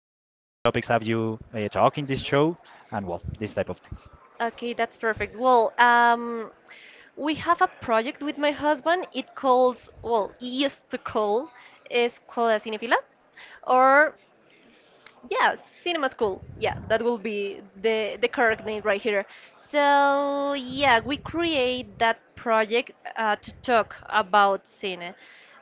have you talk in this show, and well, this type of things. Okay, that's perfect. Well, we have a project with my husband. It calls, well, it used to call, es Escuela Cinefila, or yeah, cinema school. Yeah, that will be the correct name right here. So yeah, we create that project to talk about cine.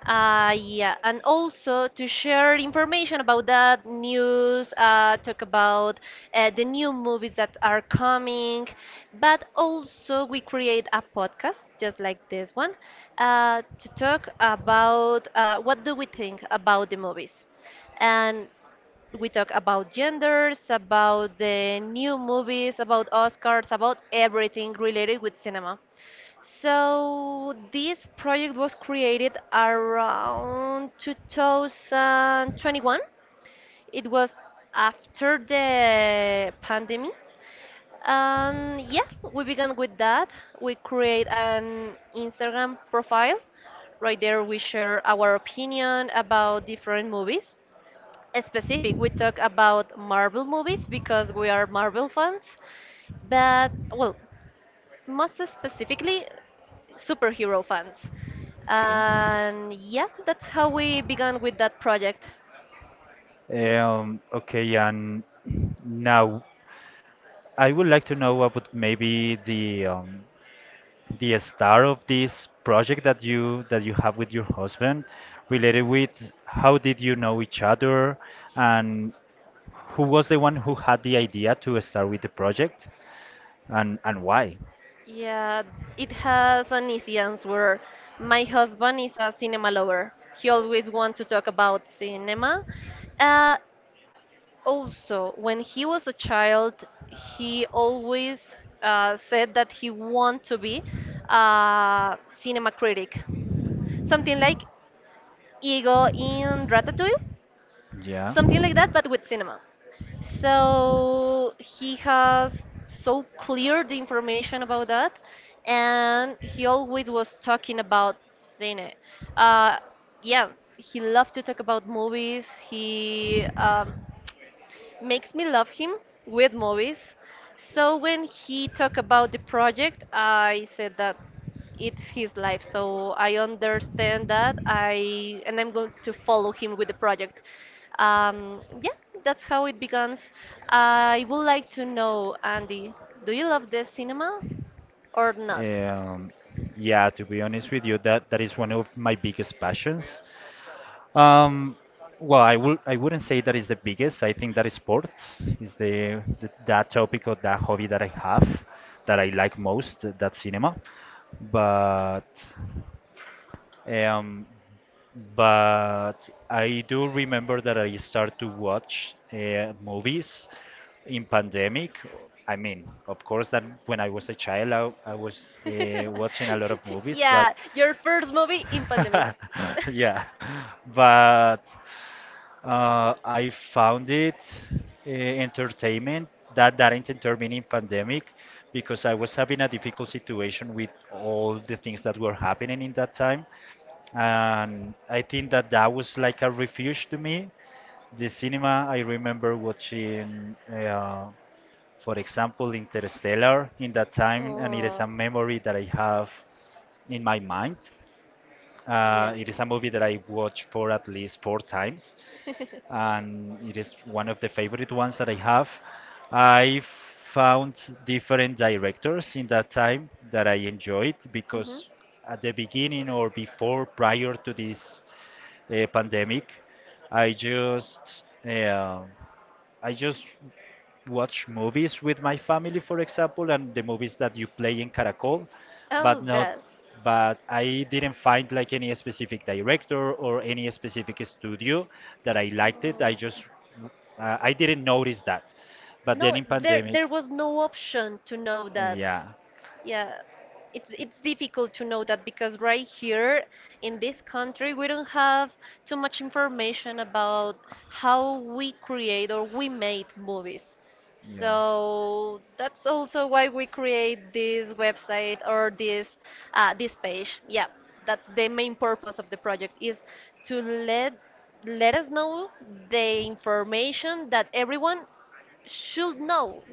Yeah, and also to share information about that news, talk about the new movies that are coming, but also we create a podcast just like this one to talk about what do we think about the movies. And we talk about genders, about the new movies, about Oscars, about everything related with cinema. So this project was created around 2021. It was after the pandemic. And yeah, we began with that. We create an Instagram profile. Right there, we share our opinion about different movies specific. We talk about Marvel movies because we are Marvel fans, but well, most specifically, superhero fans. Okay. And yeah, that's how we began with that project. Okay, and now I would like to know about maybe the, the star of this project that you have with your husband, related with how did you know each other, and who was the one who had the idea to start with the project, and why? Yeah, it has an easy answer. My husband is a cinema lover. He always wants to talk about cinema. Uh, Also, when he was a child, he always said that he wanted to be a cinema critic, something like Ego in Ratatouille, Yeah. something like that, but with cinema. So he has so clear the information about that, and he always was talking about cine. Uh, yeah, he loved to talk about movies. He makes me love him with movies. So when he talked about the project, I said that it's his life. So I understand that. I and I'm going to follow him with the project. Yeah, that's how it begins. I would like to know, Andy, do you love the cinema or not? Um, yeah, to be honest with you, that is one of my biggest passions. Um, well, I would I wouldn't say that is the biggest. I think that is sports is the that topic or that hobby that I have that I like most, that cinema. But um, but I do remember that I start to watch movies in pandemic. I mean, of course, that when I was a child, I was watching a lot of movies, but Yeah, your first movie in pandemic. yeah, but I found it entertainment that didn't determine in pandemic because I was having a difficult situation with all the things that were happening in that time, and I think that that was like a refuge to me. The cinema, I remember watching, for example, Interstellar in that time, and it is Oh. a memory that I have in my mind. Yeah. It is a movie that I watched for at least four times, and it is one of the favorite ones that I have. I found different directors in that time that I enjoyed Mhm. because at the beginning or before, prior to this pandemic, I just uh, I just watch movies with my family, for example, and the movies that you play in Caracol, Oh but not, God. Oh. but I didn't find like any specific director or any specific studio that I liked it. I just, I didn't notice that. But then No, in there pandemic, there was no option to know that. yeah, Yeah, it's difficult to know that because right here in this country we don't have too much information about how we create or we made movies. yeah. So that's also why we create this website or this page. Yeah, that's the main purpose of the project is to let us know the information that everyone should know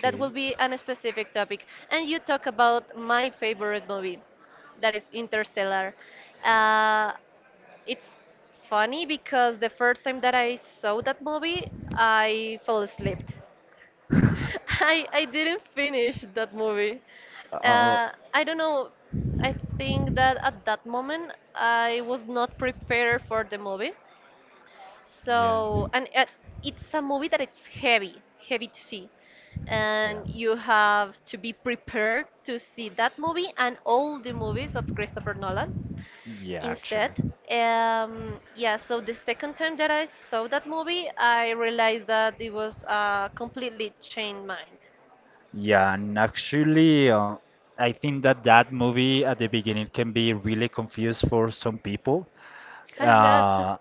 that will be a specific topic. And you talk about my favorite movie, that is Interstellar. Uh, it's funny because the first time that I saw that movie, I fell asleep. I didn't finish that movie. Oh, I don't know. I think that at that moment I was not prepared for the movie. yeah. So, and it's a movie that it's heavy, heavy to see. Yeah. And you have to be prepared to see that movie and all the movies of Christopher Nolan Yeah, actually. instead. Yeah, so the second time that I saw that movie, I realized that it was a completely changed mind. Yeah, and actually, I think that that movie at the beginning can be really confused for some people. A lot. Uh,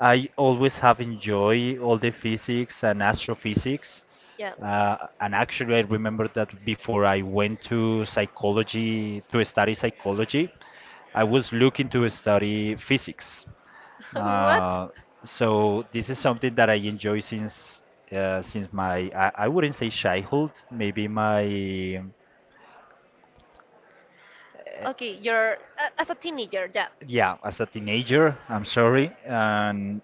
I always have enjoyed all the physics and astrophysics. Yeah. And actually, I remember that before I went to psychology to study psychology, I was looking to study physics. What? Uh, so this is something that I enjoy since since my, I wouldn't say childhood, maybe my, Okay, you're as a teenager, yeah. yeah, as a teenager. I'm sorry, and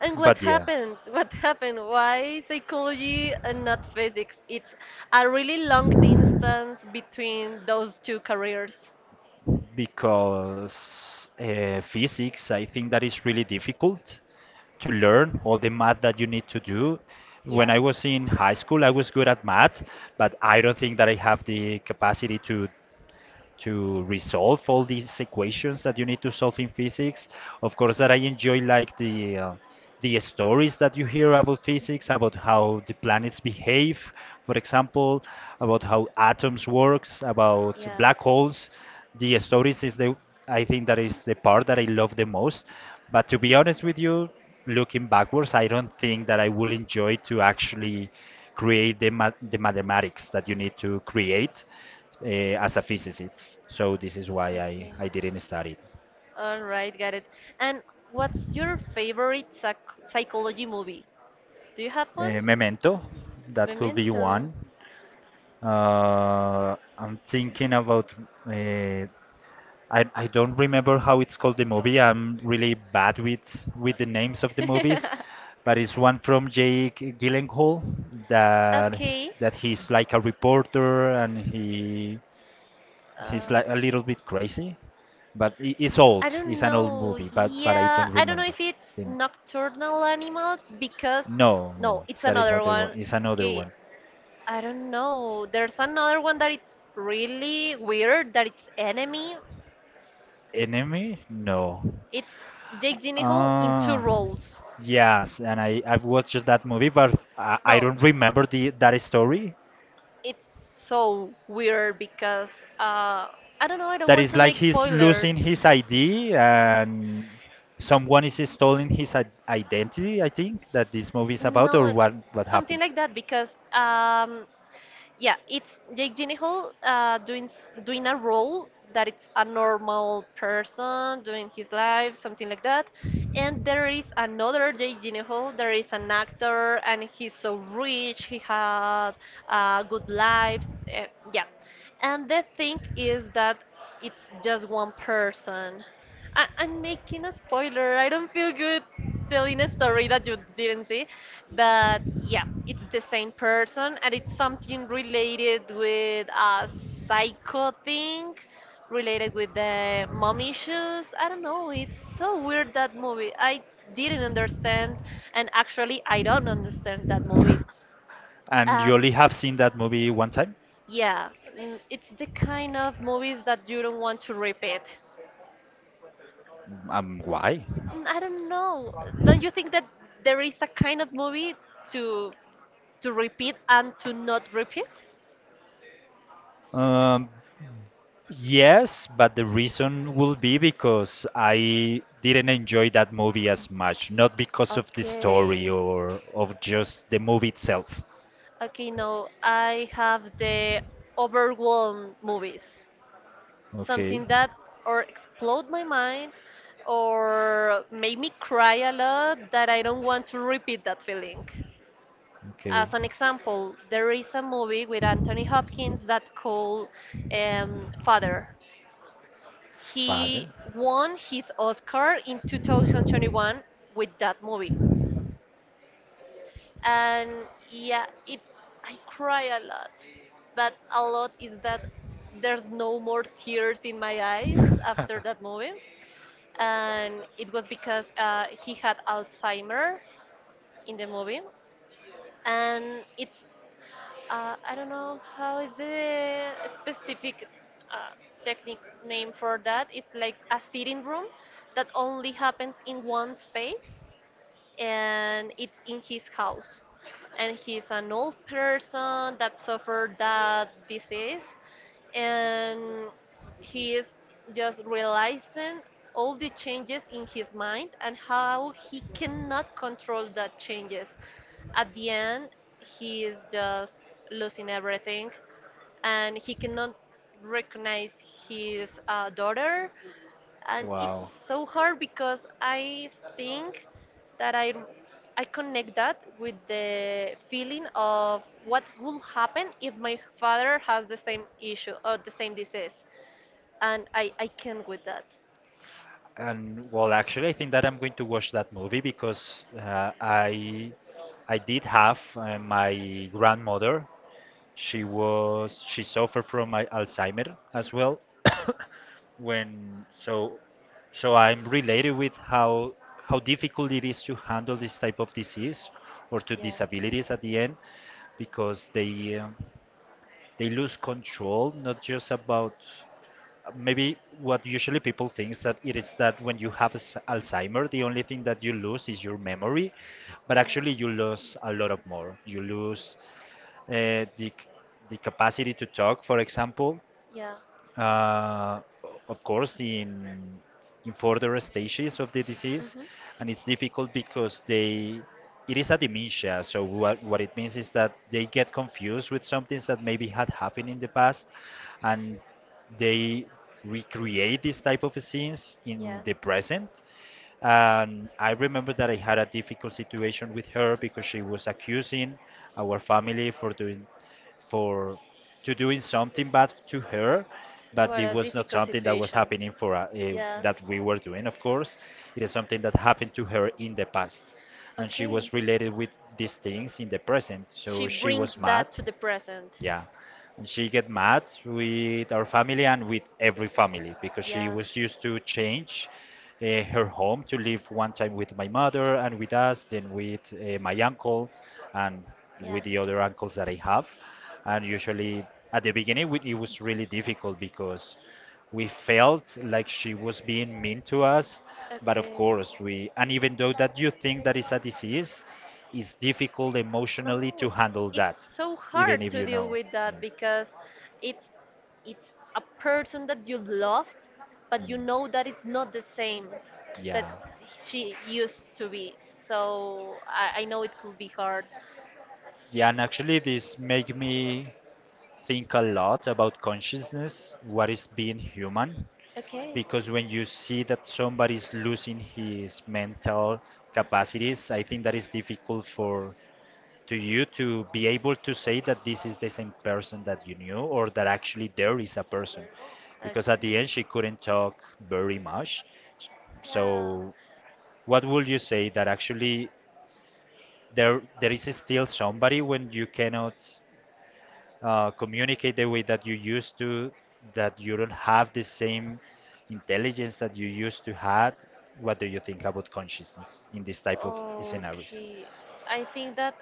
And what but yeah. happened? What happened? Why psychology and not physics? It's a really long distance between those two careers. Because physics, I think that is really difficult to learn all the math that you need to do. When Yeah. I was in high school, I was good at math, but I don't think that I have the capacity to resolve all these equations that you need to solve in physics. Of course, that I enjoy like the stories that you hear about physics, about how the planets behave, for example, about how atoms works, about Yeah. black holes. The stories is the I think that is the part that I love the most. But to be honest with you, looking backwards, I don't think that I will enjoy to actually create the mathematics that you need to create as a physicist. So this is why I, Okay. I didn't study. All right, got it. And what's your favorite psychology movie? Do you have one? Memento, that could be Memento. one. I'm thinking about. Uh, I don't remember how it's called the movie. I'm really bad with the names of the movies, but it's one from Jake Gyllenhaal that Okay. that he's like a reporter, and he's Um, like a little bit crazy, but it's old. I don't It's an old know. movie, but I Yeah, don't I don't know remember. if it's The nocturnal animals because No, no, no, it's that is another not the one. one. It's another Okay, one. I don't know. There's another one that it's really weird that it's enemy. Enemy? No. It's Jake Gyllenhaal in two Ah, roles. yes, and I've watched that movie, but I No, don't remember the that story. it's so weird because uh, I don't know. I don't That want is to like make he's losing spoilers. his ID, and someone is stealing his identity. I think that this movie is about, No, or what something happened. like that because yeah, it's Jake Gyllenhaal doing doing a role that it's a normal person doing his life, something like that. And there is another Jake Gyllenhaal. There is an actor, and he's so rich. He had good lives. Yeah, and the thing is that it's just one person. I'm making a spoiler. I don't feel good telling a story that you didn't see. But yeah, it's the same person and it's something related with a psycho thing, related with the mom issues. I don't know. It's so weird that movie. I didn't understand, and actually, I don't understand that movie. And you Um, only have seen that movie one time. yeah, it's the kind of movies that you don't want to repeat. Why? Mm, I don't know. Don't you think that there is a kind of movie to repeat and to not repeat? Um, yes, but the reason will be because I didn't enjoy that movie as much, not because of the story Okay. or of just the movie itself. Okay, no, I have the overwhelmed movies. Okay. Something that or explode my mind or make me cry a lot that I don't want to repeat that feeling. Okay. As an example, there is a movie with Anthony Hopkins that called Father. He Father. won his Oscar in 2021 with that movie, and yeah, it I cry a lot, but a lot is that there's no more tears in my eyes after that movie, and it was because he had Alzheimer in the movie, and it's I don't know how is the specific uh, technique name for that. It's like a sitting room that only happens in one space and it's in his house. And he's an old person that suffered that disease, and he is just realizing all the changes in his mind and how he cannot control that changes. At the end, he is just losing everything, and he cannot recognize his daughter, and it's Wow. so hard because I think that I connect that with the feeling of what will happen if my father has the same issue or the same disease, and I can't with that. And well, actually, I think that I'm going to watch that movie because I did have my grandmother. She suffered from my Alzheimer as well. When so so I'm related with how difficult it is to handle this type of disease, or to Yeah. disabilities at the end, because they lose control not just about maybe what usually people think that it is, that when you have Alzheimer, the only thing that you lose is your memory, but actually you lose a lot of more. You lose uh, the c- the capacity to talk, for example, Yeah. Yeah. uh, of course, in further stages of the disease, Hmm. and it's difficult because they it is a dementia. So what it means is that they get confused with some things that maybe had happened in the past, and they recreate this type of scenes in Yeah. the present. And I remember that I had a difficult situation with her because she was accusing our family for doing, for to doing something bad to her, but What it a was not difficult something that was situation. happening for Yeah. that we were doing. Of course, it is something that happened to her in the past, and she Okay. was related with these things in the present. So She she brings was mad, that to the present. yeah. And she get mad with our family and with every family because she Yeah. was used to change her home to live one time with my mother and with us, then with my uncle and Yeah. with the other uncles that I have. And usually at the beginning it was really difficult because we felt like she was being mean to us, but of Okay. course we and even though that you think that is a disease, it's difficult emotionally No, to handle it's that, so even hard if to you deal know. with that because it's it's a person that you loved, but Mm, you mm. know that it's not the same that Yeah. she used to be. So, I know it could be hard. Yeah, and actually, this make me think a lot about consciousness, what is being human, Okay. because when you see that somebody's losing his mental capacities, I think that is difficult for to you to be able to say that this is the same person that you knew, or that actually there is a person. Okay. Because at the end she couldn't talk very much. Yeah. So what would you say, that actually there is still somebody when you cannot communicate Communicate the the way way that that you you used used to, to, that that you you don't have the sing, same that you intelligence that you used used to to had. act, What do you what they think about consciousness in this would. Yeah. type of scenarios? Okay. I think that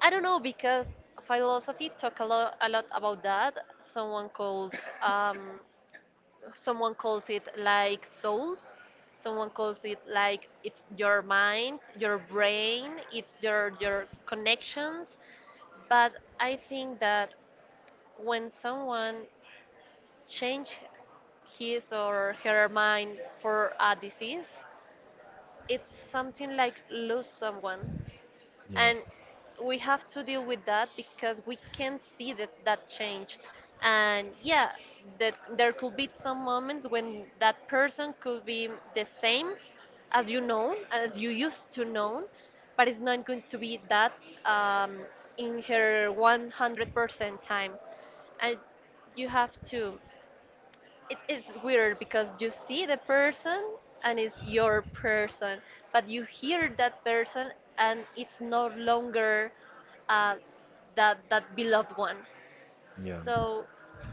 I don't know because philosophy talk a lot about that. Um someone calls it like soul, someone calls it like it's your mind, your brain, it's your connections, but I think that when someone change his or her mind for a disease, it's something like lose someone. And we have to deal with that because we can see that change. And yeah, that there could be some moments when that person could be the same, as you know, as you used to know, but it's not going to be that um, in her 100% time. And you have to it, it's weird because you see the person and it's your person, but you hear that person and it's no longer uh, that beloved one. So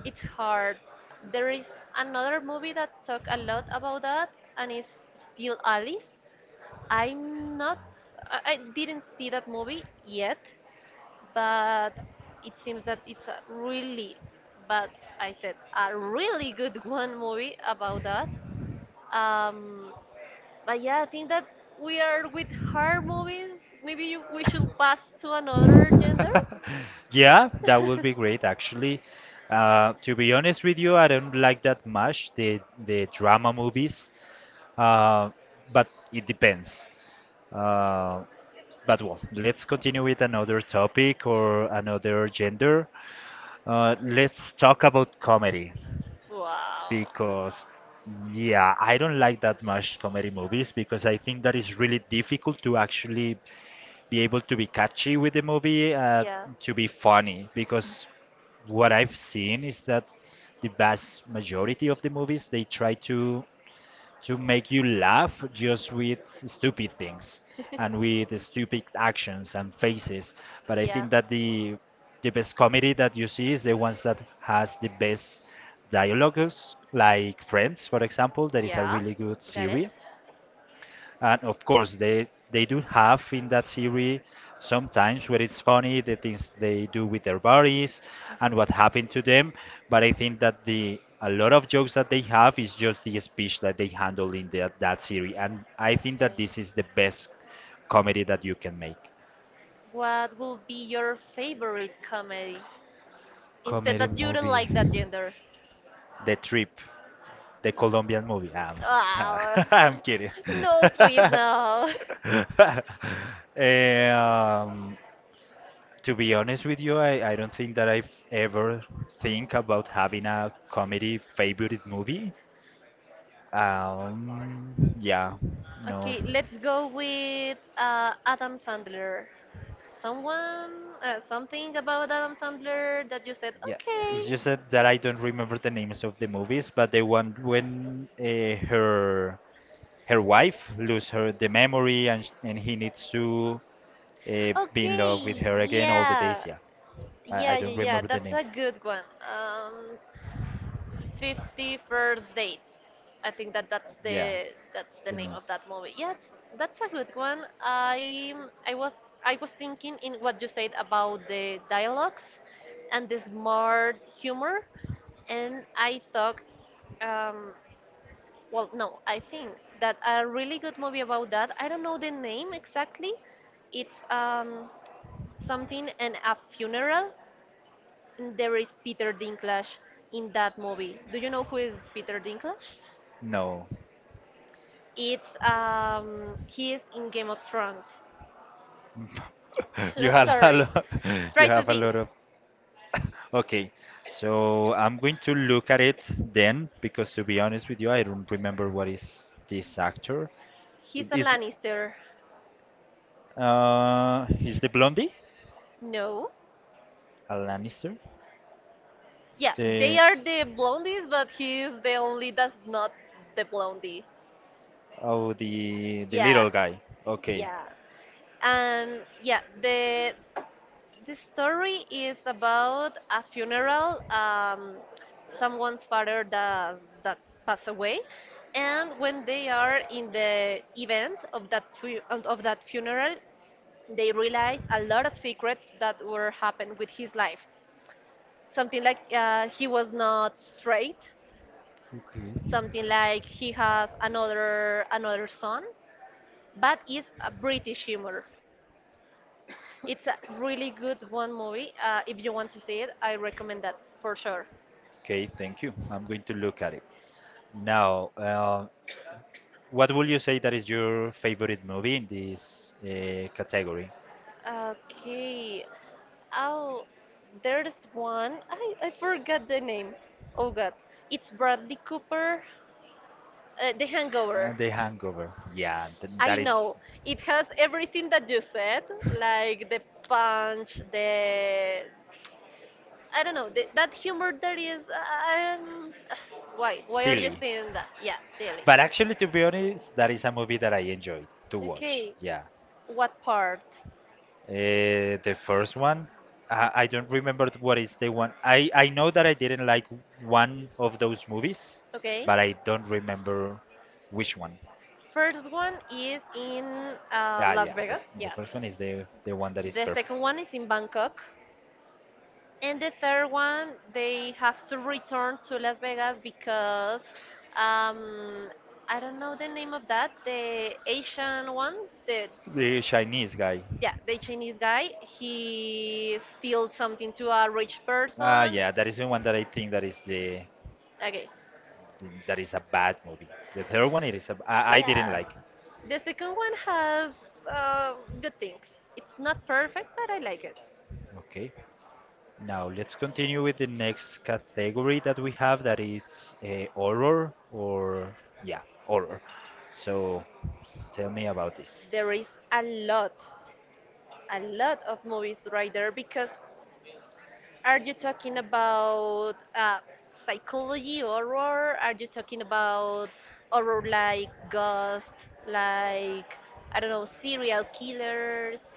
it's hard. There is another movie that talk a lot about that, and it's Still Alice. I'm not. I didn't see that movie yet, but it seems that it's a really, but I said a really good one movie about that. Um, but yeah, I think that we are with horror movies. Maybe we should pass to another gender. Yeah, that would be great actually. To be honest with you, I don't like that much the drama movies. Uh, but it depends. Uh, but well, let's continue with another topic or another gender. Let's talk about comedy Wow. because, yeah, I don't like that much comedy movies because I think that is really difficult to actually be able to be catchy with the movie, Yeah. to be funny, because what I've seen is that the vast majority of the movies, they try to make you laugh just with stupid things and with stupid actions and faces. But I yeah. think that the best comedy that you see is the ones that has the best dialogues, like Friends, for example. That is a Yeah, really good got it. series. And of course, they do have in that series sometimes where it's funny the things they do with their bodies and Mhm. what happened to them. But I think that the a lot of jokes that they have is just the speech that they handle in that series. And I think Okay. that this is the best comedy that you can make. What will be your favorite comedy? Instead Comedy that you don't movie. like that gender. The Trip, the Colombian movie. Ah, Ah, I'm kidding. no, please, no. um, To be honest with you, I don't think that I've ever think about having a comedy favorite movie. Yeah, no. Okay, let's go with Adam Sandler. Someone, something about Adam Sandler that you said, Yeah, it's okay. just that I don't remember the names of the movies, but the one when her wife lose her the memory, and and he needs to be in love with Okay, her again all the yeah, days. Yeah. I yeah, yeah, don't yeah. remember the That's name. a good one. 50 First Dates. I think that that's Yeah, the that's the you name know. of that movie. Yeah, that's a good one. I was I was thinking in what you said about the dialogues and the smart humor, and I thought, um, well, no, I think that a really good movie about that. I don't know the name exactly. It's something and a funeral. There is Peter Dinklage in that movie. Do you know who is Peter Dinklage? No, It's he is in Game of Thrones. you have a Sorry. lot. You Try to have a think. lot of. Okay, so I'm going to look at it then because to be honest with you, I don't remember what is this actor. He's It a is. Lannister. He's the Blondie, No. a Lannister. Yeah, they The are the blondies, but he is the only that's not the blondie. Oh, the Yeah, little guy. Okay. yeah. And yeah, the story is about a funeral. Someone's father does that passed away, and when they are in the event of that of that funeral, they realize a lot of secrets that were happened with his life. Something like he was not straight. Okay. Something like he has another son, but is a British humor. It's a really good one movie. If you want to see it, I recommend that for sure. Okay, thank you. I'm going to look at it. Now, what would you say that is your favorite movie in this category? Okay. Oh, there's one. I forgot the name. Oh God. It's Bradley Cooper, The Hangover. The Hangover. Yeah, th I that is know. It has everything that you said, like the punch, the. I don't know, the, that humor that is. Um, why? Why are you silly. saying that? Yeah, silly. But actually, to be honest, that is a movie that I enjoy to watch. Okay, Yeah. what part, The first one, I don't remember what is the one. I know that I didn't like one of those movies, okay? but I don't remember which one. First one is in Ah, Las yeah, Vegas, the yeah. first one is the one that is The perfect. second one is in Bangkok. And the third one, they have to return to Las Vegas because um, I don't know the name of that. The Asian one, the The Chinese guy. yeah, the Chinese guy, he steals something to a rich Ah, person. yeah, that is the one that I think that is the, Okay. that is a bad movie. The third one, it is a, I didn't Yeah. like. The second one has uh, good things. It's not perfect, but I like it. Okay. Now let's continue with the next category that we have that is horror or yeah, horror. So tell me about this. There is a lot of movies right there because are you talking about psychology horror? Are you talking about horror like Ghost, like I don't know, serial killers?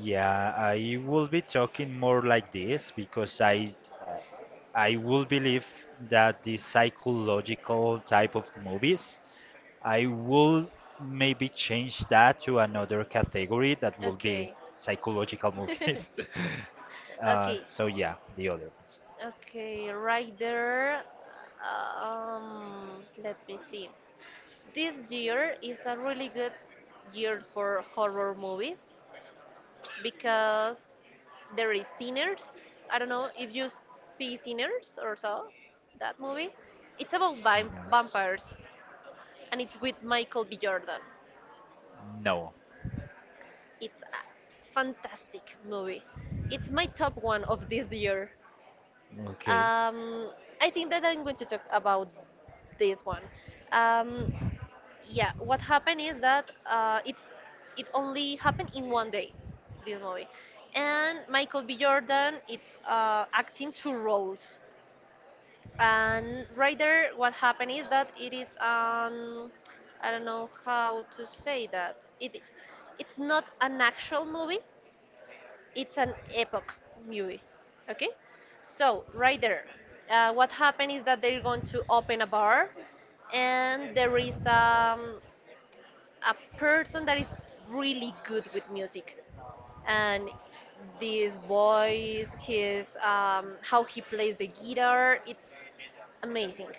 Yeah, I will be talking more like this because I uh, I will believe that the psychological type of movies I will maybe change that to another category that will be Okay. psychological movies. Okay, so yeah, the other ones. okay, right there. Let me see. This year is a really good year for horror movies because there is Sinners. I don't know if you see Sinners or so, that movie. It's about Sinners. vampires and it's with Michael B. Jordan. No. It's a fantastic movie. It's my top one of this year. Okay. Um, I think that I'm going to talk about this one. Um, yeah, what happened is that it only happened in 1 day, this movie, and Michael B. Jordan it's acting two roles. And right there, what happened is that it is I don't know how to say that. It it's not an actual movie, it's an epoch movie. Okay, so right there, what happened is that they're going to open a bar and there is a person that is really good with music, and this voice, his how he plays the guitar, it's amazing.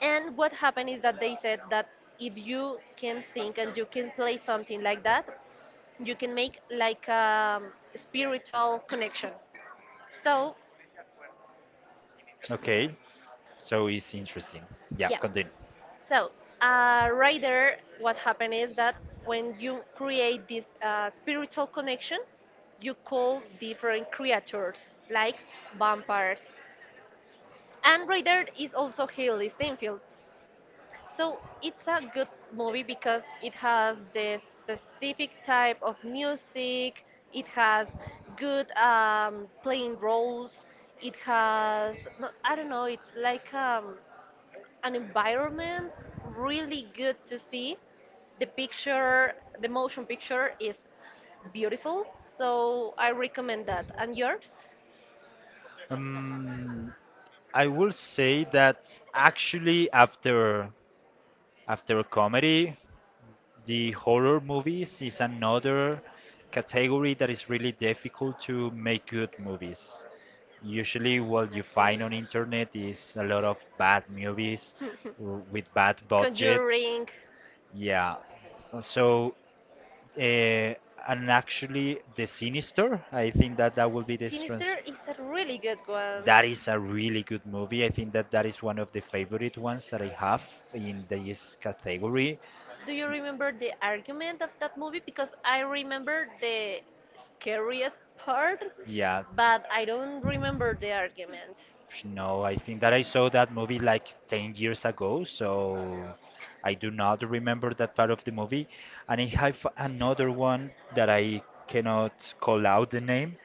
And what happened is that they said that if you can sing and you can play something like that, you can make like a spiritual connection. So, Okay. So it's interesting. Yeah. yeah. Continue. So, right there, what happened is that when you create this spiritual connection, you call different creatures like vampires. And right there is also Haley Steinfeld. So, it's a good movie because it has the specific type of music, it has good playing roles, it has, no, I don't know, it's like an environment really good to see. The picture, the motion picture is beautiful, so I recommend that. And yours? Um, I will say that actually after comedy, the horror movies is another category that is really difficult to make good movies. Usually, what you Okay. find on internet is a lot of bad movies with bad budget. Conjuring. Yeah. Uh, So, uh, and actually, The Sinister, I think that that will be the trans Sinister is a really good one. that is a really good movie. I think that that is one of the favorite ones that I have in this category. Do you remember the argument of that movie? Because I remember the scariest part, Yeah, but I don't remember the argument. no, I think that I saw that movie like 10 years ago, so I do not remember that part of the movie. And I have another one that I cannot call out the name.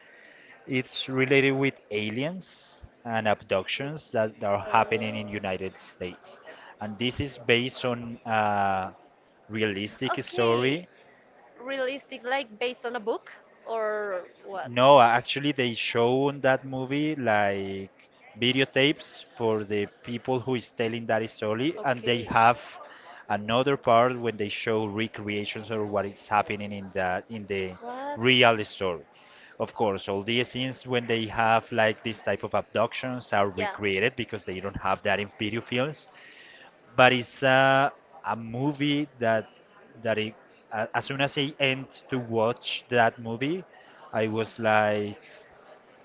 It's With related with aliens and abductions that are happening in aliens. United States. And this is based on a realistic Okay, story. realistic, like based on a book or what? No, actually, they show in that movie like videotapes for the people who is telling that story, and they have another part when they show recreations or what is happening in that in the real story. Of course, all these scenes when they have like this type of abductions are recreated because they don't have that in video films, but it's a movie that that it, as soon as I end to watch that movie, I was like,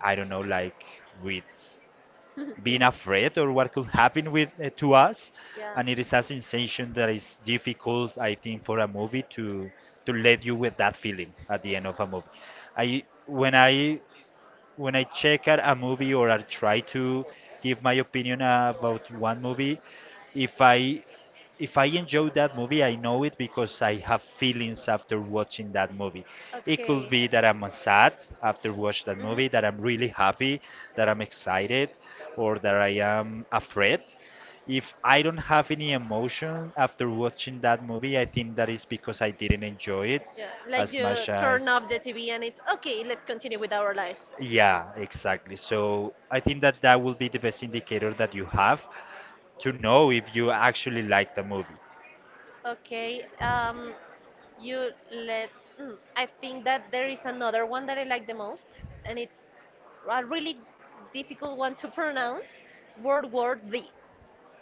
I don't know, like with being afraid or what could happen with to us, and it is a sensation that is difficult, I think, for a movie to let you with that feeling at the end of a movie. I when I when I check at a movie or I try to give my opinion about one movie, if I if I enjoy that movie, I know it because I have feelings after watching that movie. It could Okay. be that I'm sad after watching that Mhm. movie, that I'm really happy, that I'm excited, or that I am afraid. If I don't have any emotion after watching that movie, I think that is because I didn't enjoy it Yeah, like as you much turn as. off the TV and it's okay. Let's continue with our life. Yeah, exactly. So I think that that will be the best indicator that you have to know if you actually like the movie. Okay. You let. Mm, I think that there is another one that I like the most, and it's a really difficult one to pronounce. World War Z.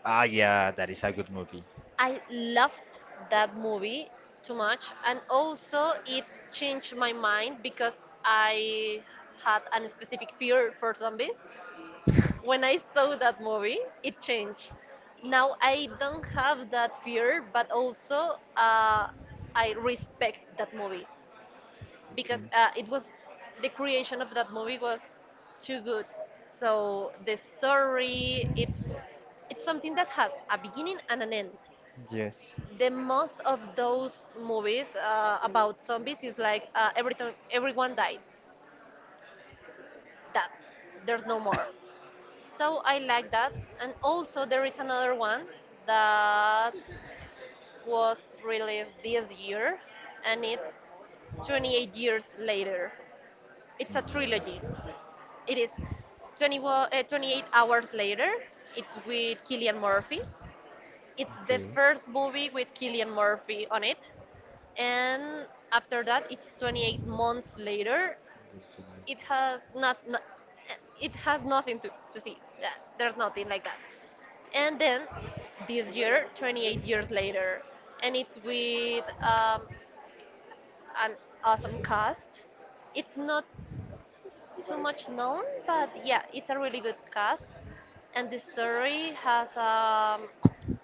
Ah, yeah, that is a good movie. I loved that movie too much, and also it changed my mind because I had a specific fear for zombies. When I saw that movie, it changed. Now I don't have that fear, but also I respect that movie because Okay. It was, the creation of that movie was too good. So the story, it's something that has a beginning and an end. Yes. The most of those movies about zombies is like everything, everyone dies. That there's no more. So I like that. And also there is another one that was released this year, and it's 28 years later. It's a trilogy. Mhm. It is 20, 28 hours later. It's with Killian Murphy. It's the Okay. first movie with Killian Murphy on it. And after that it's 28 months later. The two It has nightmares. not, not, it has nothing to, to see, that there's nothing like that. And then this year, 28 years later, and it's with an awesome cast. It's not too much known, but yeah, it's a really good cast. And the story has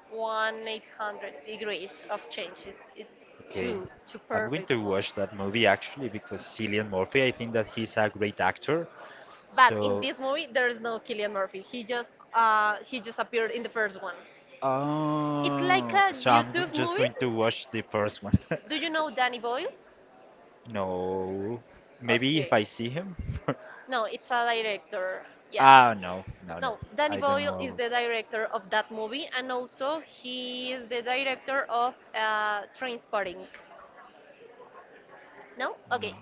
1,800 degrees of change. It's Okay. too I'm going perfect to at most. watch that movie actually because Cillian Murphy, I think that he's a great actor. But in So, this movie, there is no Killian Murphy. He just appeared in the first one. It's like oh, a so I'm YouTube just movie. going to watch the first one. Do you know Danny Boyle? No. Maybe if Okay. I see him. No, it's a director. Yeah. ah, no, no, no. No, Danny I don't Boyle is know. the director of that movie, and also he is the director of Trainspotting. No? Okay. No.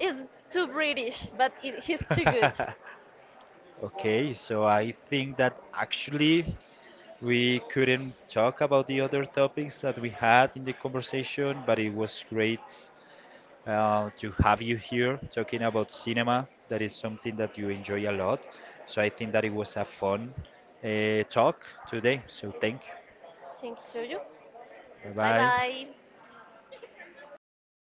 It's too British, but it, he's too good. okay, so I think that actually we couldn't talk about the other topics that we had in the conversation, but it was great to have you here talking about cinema. That is something that you enjoy a lot. So I think that it was a fun talk today. So thank you. Thank you, Jojo. Bye Bye bye. bye.